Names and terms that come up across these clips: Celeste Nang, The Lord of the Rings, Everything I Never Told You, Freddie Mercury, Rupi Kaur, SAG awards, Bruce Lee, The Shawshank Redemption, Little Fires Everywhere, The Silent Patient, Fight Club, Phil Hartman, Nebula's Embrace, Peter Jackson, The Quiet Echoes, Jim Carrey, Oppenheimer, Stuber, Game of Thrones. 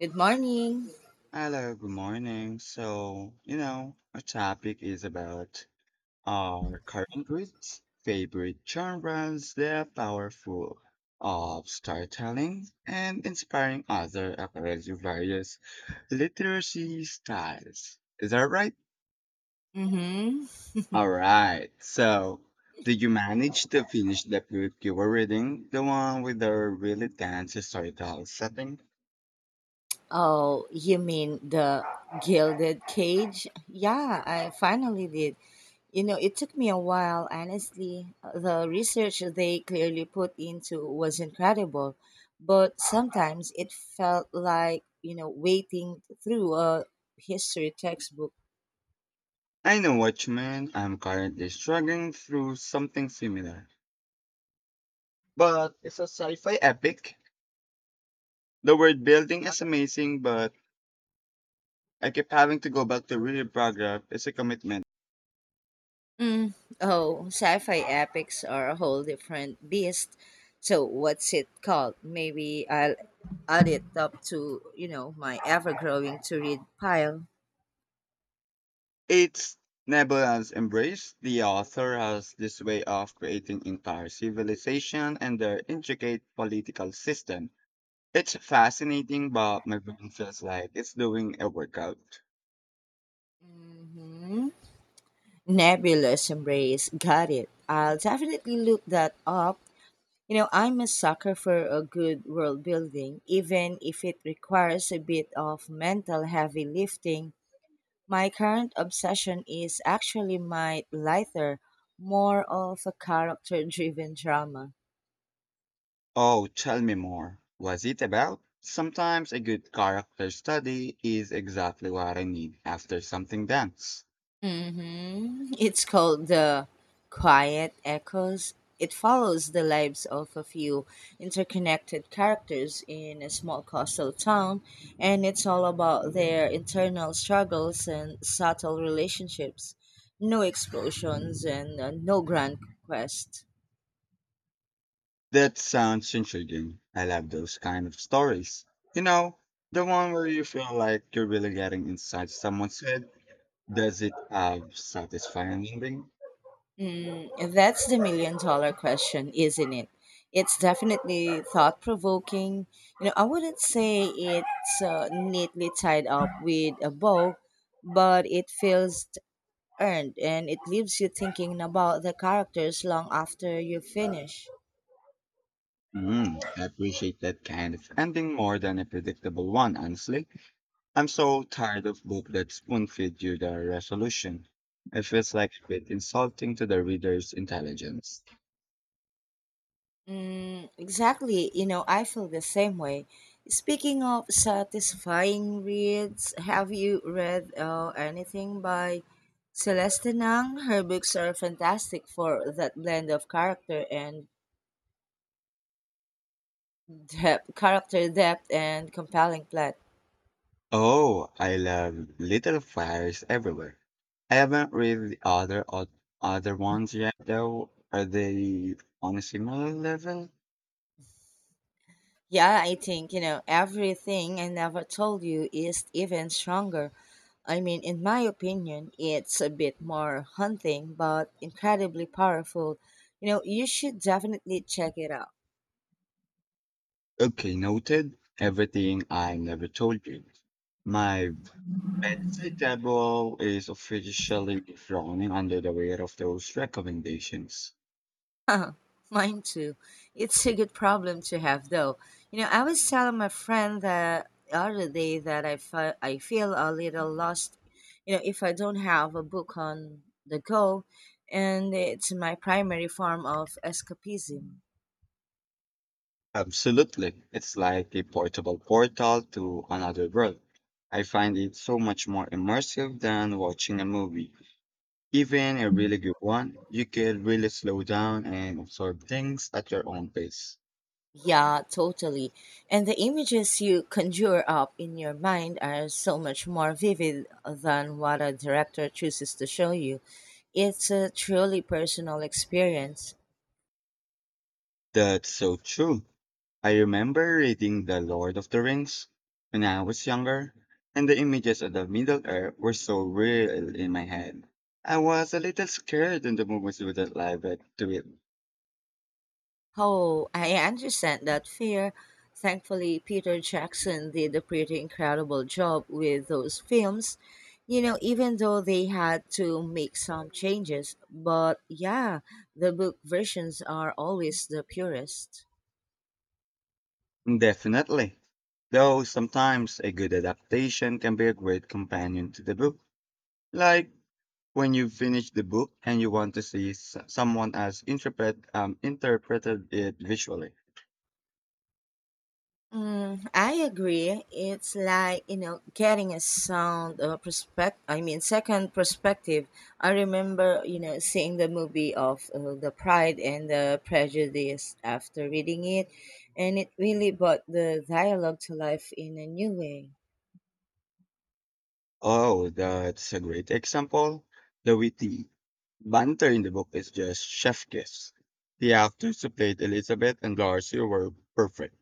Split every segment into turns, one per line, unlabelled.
Good morning.
Hello, good morning. So, you know, our topic is about our current roots, favorite genres, their powerful of storytelling and inspiring other across various literacy styles. Is that right?
Mm-hmm.
All right. So, did you manage to finish the book you were reading? The one with the really dense historical setting?
Oh, you mean the Gilded Cage? Yeah, I finally did. You know, it took me a while, honestly. The research they clearly put into was incredible, but sometimes it felt like, you know, waiting through a history textbook.
I know what you mean. I'm currently struggling through something similar, but it's a sci-fi epic. The world building is amazing, but I keep having to go back to read paragraph. It's a commitment.
Mm, oh, sci-fi epics are a whole different beast. So what's it called? Maybe I'll add it up to my ever-growing to-read pile.
It's Nebula's Embrace. The author has this way of creating entire civilization and their intricate political system. It's fascinating, but my brain feels like it's doing a workout.
Hmm. Nebulous Embrace, got it. I'll definitely look that up. You know, I'm a sucker for a good world building, even if it requires a bit of mental heavy lifting. My current obsession is actually my lighter, more of a character driven drama.
Oh, tell me more. Was it about? Sometimes a good character study is exactly what I need after something dense.
Hmm It's called The Quiet Echoes. It follows the lives of a few interconnected characters in a small coastal town, and it's all about their internal struggles and subtle relationships. No explosions and no grand quest.
That sounds intriguing. I love those kind of stories. You know, the one where you feel like you're really getting inside someone's head. Does it have satisfying ending?
Mm, that's the million dollar question, isn't it? It's definitely thought provoking. You know, I wouldn't say it's neatly tied up with a bow, but it feels earned and it leaves you thinking about the characters long after you finish.
Mm, I appreciate that kind of ending more than a predictable one, honestly. I'm so tired of books that spoon feed you the resolution. It feels like a bit insulting to the reader's intelligence.
Mm, exactly. You know, I feel the same way. Speaking of satisfying reads, have you read anything by Celeste Nang? Her books are fantastic for that blend of character and character depth and compelling plot.
Oh, I love Little Fires Everywhere. I haven't read the other ones yet, though. Are they on a similar level?
Yeah, I think, you know, everything I never told you is even stronger. I mean, in my opinion, it's a bit more hunting, but incredibly powerful. You know, you should definitely check it out.
Okay, noted. Everything I Never Told You. My bedside table is officially drowning under the weight of those recommendations.
Mine too. It's a good problem to have, though. You know, I was telling my friend the other day that I feel a little lost, you know, if I don't have a book on the go, and it's my primary form of escapism.
Absolutely. It's like a portable portal to another world. I find it so much more immersive than watching a movie. Even a really good one, you can really slow down and absorb things at your own pace.
Yeah, totally. And the images you conjure up in your mind are so much more vivid than what a director chooses to show you. It's a truly personal experience.
That's so true. I remember reading The Lord of the Rings when I was younger, and the images of the Middle Earth were so real in my head. I was a little scared in the movies wouldn't live up to it.
Oh, I understand that fear. Thankfully, Peter Jackson did a pretty incredible job with those films, you know, even though they had to make some changes. But yeah, the book versions are always the purest.
Definitely. Though sometimes a good adaptation can be a great companion to the book. Like when you finish the book and you want to see someone else interpreted it visually.
Mm, I agree. It's like, you know, getting a sound perspective. I mean, second perspective. I remember seeing the movie of the Pride and the Prejudice after reading it, and it really brought the dialogue to life in a new way.
Oh, that's a great example. The witty banter in the book is just chef kiss. The actors who played Elizabeth and Darcy were perfect.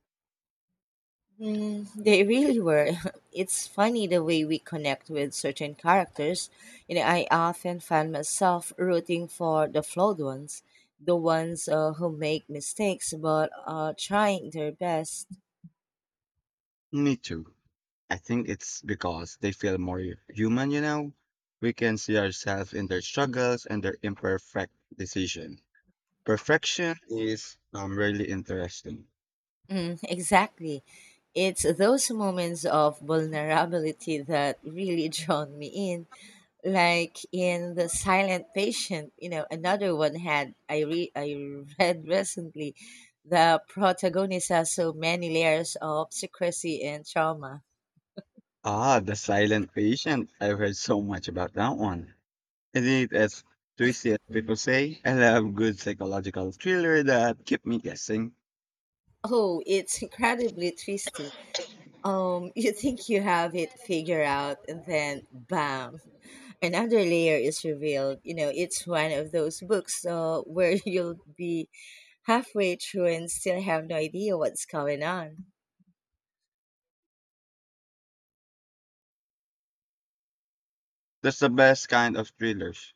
Mm, they really were. It's funny the way we connect with certain characters. You know, I often find myself rooting for the flawed ones, the ones who make mistakes but are trying their best.
Me too. I think it's because they feel more human, you know? We can see ourselves in their struggles and their imperfect decision. Perfection is really interesting.
Mm, exactly. It's those moments of vulnerability that really drawn me in, like in The Silent Patient, you know, another one I read recently. The protagonist has so many layers of secrecy and trauma.
Ah, The Silent Patient. I've heard so much about that one. Is it as twisty as people say? I love good psychological thriller that keep me guessing.
Oh, it's incredibly twisty. You think you have it figured out and then bam, another layer is revealed. You know, it's one of those books where you'll be halfway through and still have no idea what's going on.
That's the best kind of thrillers.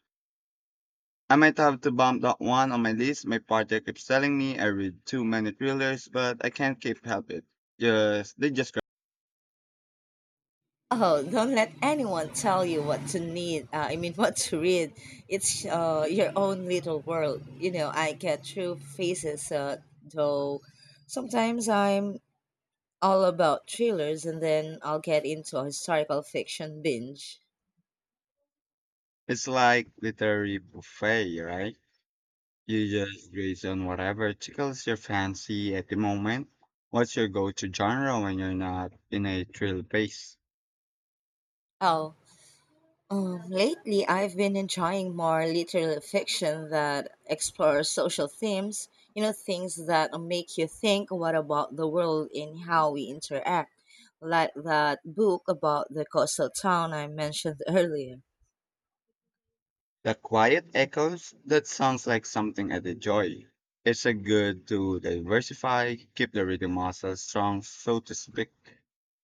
I might have to bump that one on my list. My partner keeps telling me I read too many thrillers, but I can't keep help it. Just they just grab-
Oh, don't let anyone tell you what to need. I mean, what to read. It's your own little world. You know, I get through phases, though sometimes I'm all about thrillers and then I'll get into a historical fiction binge.
it's like literary buffet, right? You just graze on whatever tickles your fancy at the moment. What's your go-to genre when you're not in a thrill pace?
Oh, lately, I've been enjoying more literary fiction that explores social themes, you know, things that make you think what about the world and how we interact, like that book about the coastal town I mentioned earlier.
The quiet echoes? That sounds like something I'd enjoy. It's a good to diversify, keep the reading muscles strong, so to speak.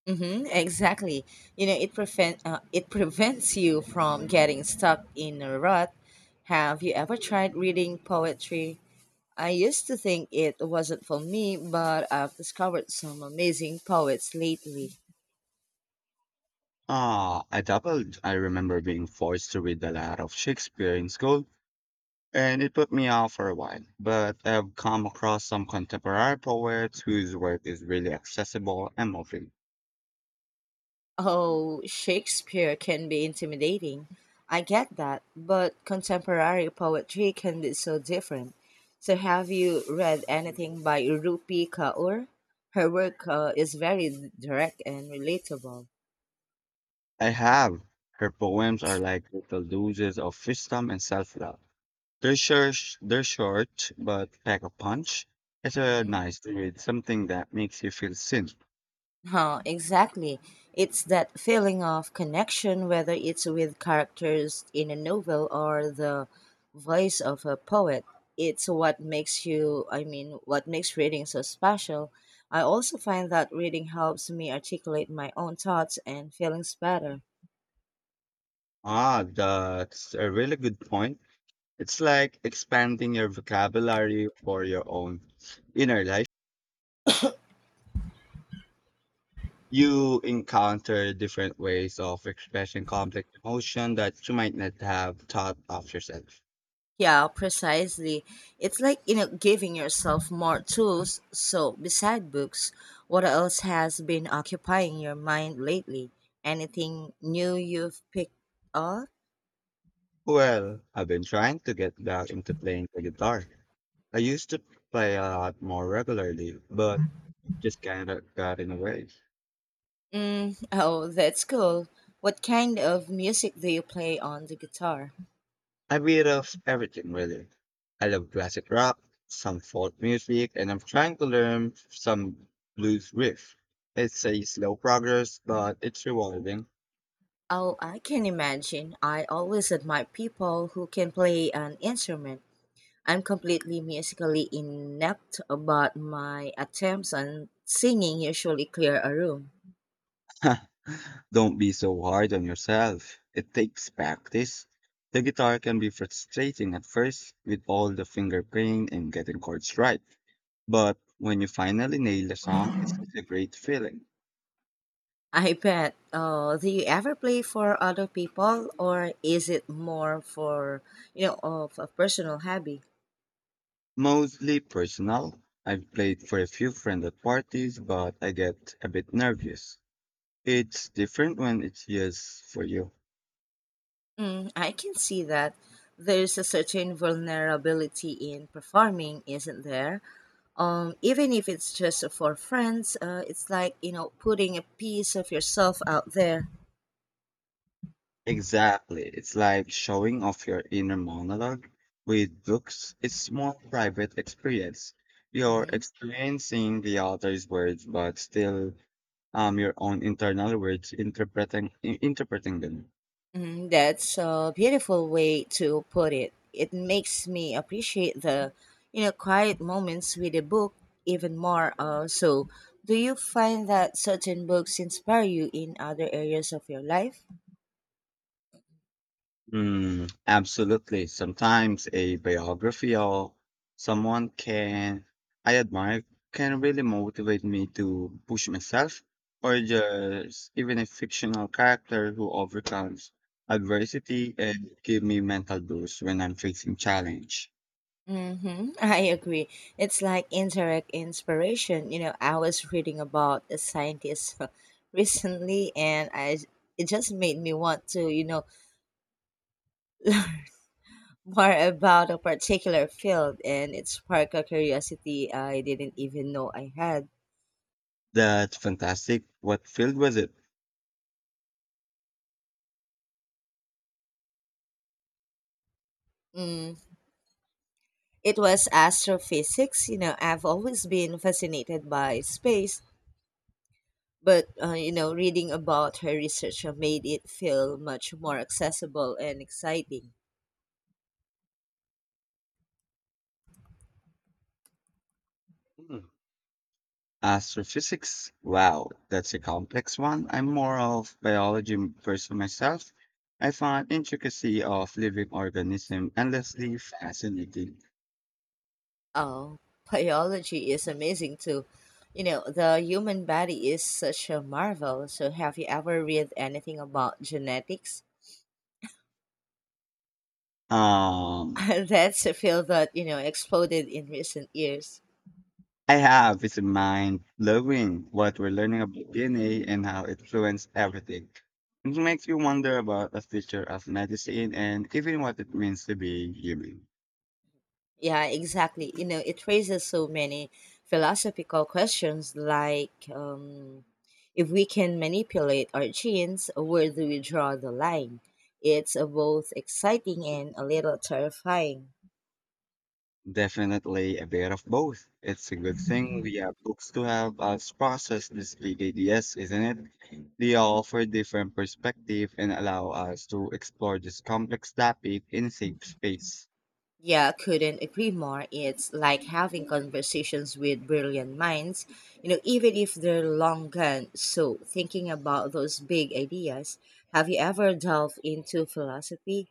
Mm-hmm, exactly. It prevents you from getting stuck in a rut. Have you ever tried reading poetry? I used to think it wasn't for me, but I've discovered some amazing poets lately.
Ah, I doubled. I remember being forced to read a lot of Shakespeare in school, and it put me off for a while. But I've come across some contemporary poets whose work is really accessible and moving.
Oh, Shakespeare can be intimidating. I get that, but contemporary poetry can be so different. So, have you read anything by Rupi Kaur? Her work is very direct and relatable.
I have. Her poems are like little doses of wisdom and self-love. They're short, they're short, but pack a punch. It's a
Mhm.
nice to read, something that makes you feel seen.
Huh, exactly. It's that feeling of connection, whether it's with characters in a novel or the voice of a poet. It's what makes you, I mean, what makes reading so special. I also find that reading helps me articulate my own thoughts and feelings better.
Ah, that's a really good point. It's like expanding your vocabulary for your own inner life. You encounter different ways of expressing complex emotion that you might not have thought of yourself.
Yeah, precisely. It's like, you know, giving yourself more tools. So, beside books, what else has been occupying your mind lately? Anything new you've picked up?
Well, I've been trying to get back into playing the guitar. I used to play a lot more regularly, but just kind of got in the way.
Mm, oh, that's cool. What kind of music do you play on the guitar?
A bit of everything, really. I love classic rock, some folk music, and I'm trying to learn some blues riff. It's a slow progress, but it's rewarding.
Oh, I can imagine. I always admire people who can play an instrument. I'm completely musically inept, but my attempts on singing usually clear a room.
Don't be so hard on yourself. It takes practice. The guitar can be frustrating at first with all the finger playing and getting chords right. But when you finally nail the song, it's such a great feeling.
I bet. Do you ever play for other people, or is it more for of a personal hobby?
Mostly personal. I've played for a few friends at parties, but I get a bit nervous. It's different when it's just for you.
Mm, I can see that there's a certain vulnerability in performing, isn't there? Even if it's just for friends, it's like, you know, putting a piece of yourself out there.
Exactly. It's like showing off your inner monologue. With books, it's more private experience. You're
Hmm
experiencing the author's words, but still your own internal words, interpreting them.
Mm, that's a beautiful way to put it. It makes me appreciate the, you know, quiet moments with a book even more. So, do you find that certain books inspire you in other areas of your life?
Mm, absolutely. Sometimes a biography or someone can I admire can really motivate me to push myself, or just even a fictional character who overcomes adversity and give me mental boost when I'm facing challenge.
Mm-hmm. I agree. It's like indirect inspiration. You know, I was reading about a scientist recently, and I it just made me want to, you know, more about a particular field and it sparked a curiosity I didn't even know I had.
That's fantastic. What field was it?
Mm, it was astrophysics. You know, I've always been fascinated by space, but, you know, reading about her research made it feel much more accessible and exciting.
Astrophysics? Wow, that's a complex one. I'm more of biology person myself. I find intricacy of living organism endlessly fascinating.
Oh, biology is amazing too. You know, the human body is such a marvel. So, have you ever read anything about genetics?
Um,
That's a field that, you know, exploded in recent years.
I have is mind blowing what we're learning about DNA and how it influences everything. It makes you wonder about the future of medicine and even what it means to be human.
Yeah, exactly. You know, it raises so many philosophical questions like if we can manipulate our genes, where do we draw the line? It's both exciting and a little terrifying.
Definitely a bit of both. It's a good thing we have books to help us process these big ideas, isn't it? They offer different perspective and allow us to explore this complex topic in safe space.
Yeah, couldn't agree more. It's like having conversations with brilliant minds, you know, even if they're long gone. So, thinking about those big ideas, have you ever delved into philosophy?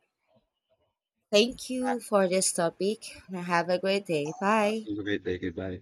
Thank
Uh,
you for this topic. Have a great day. Bye.
you could take it bye.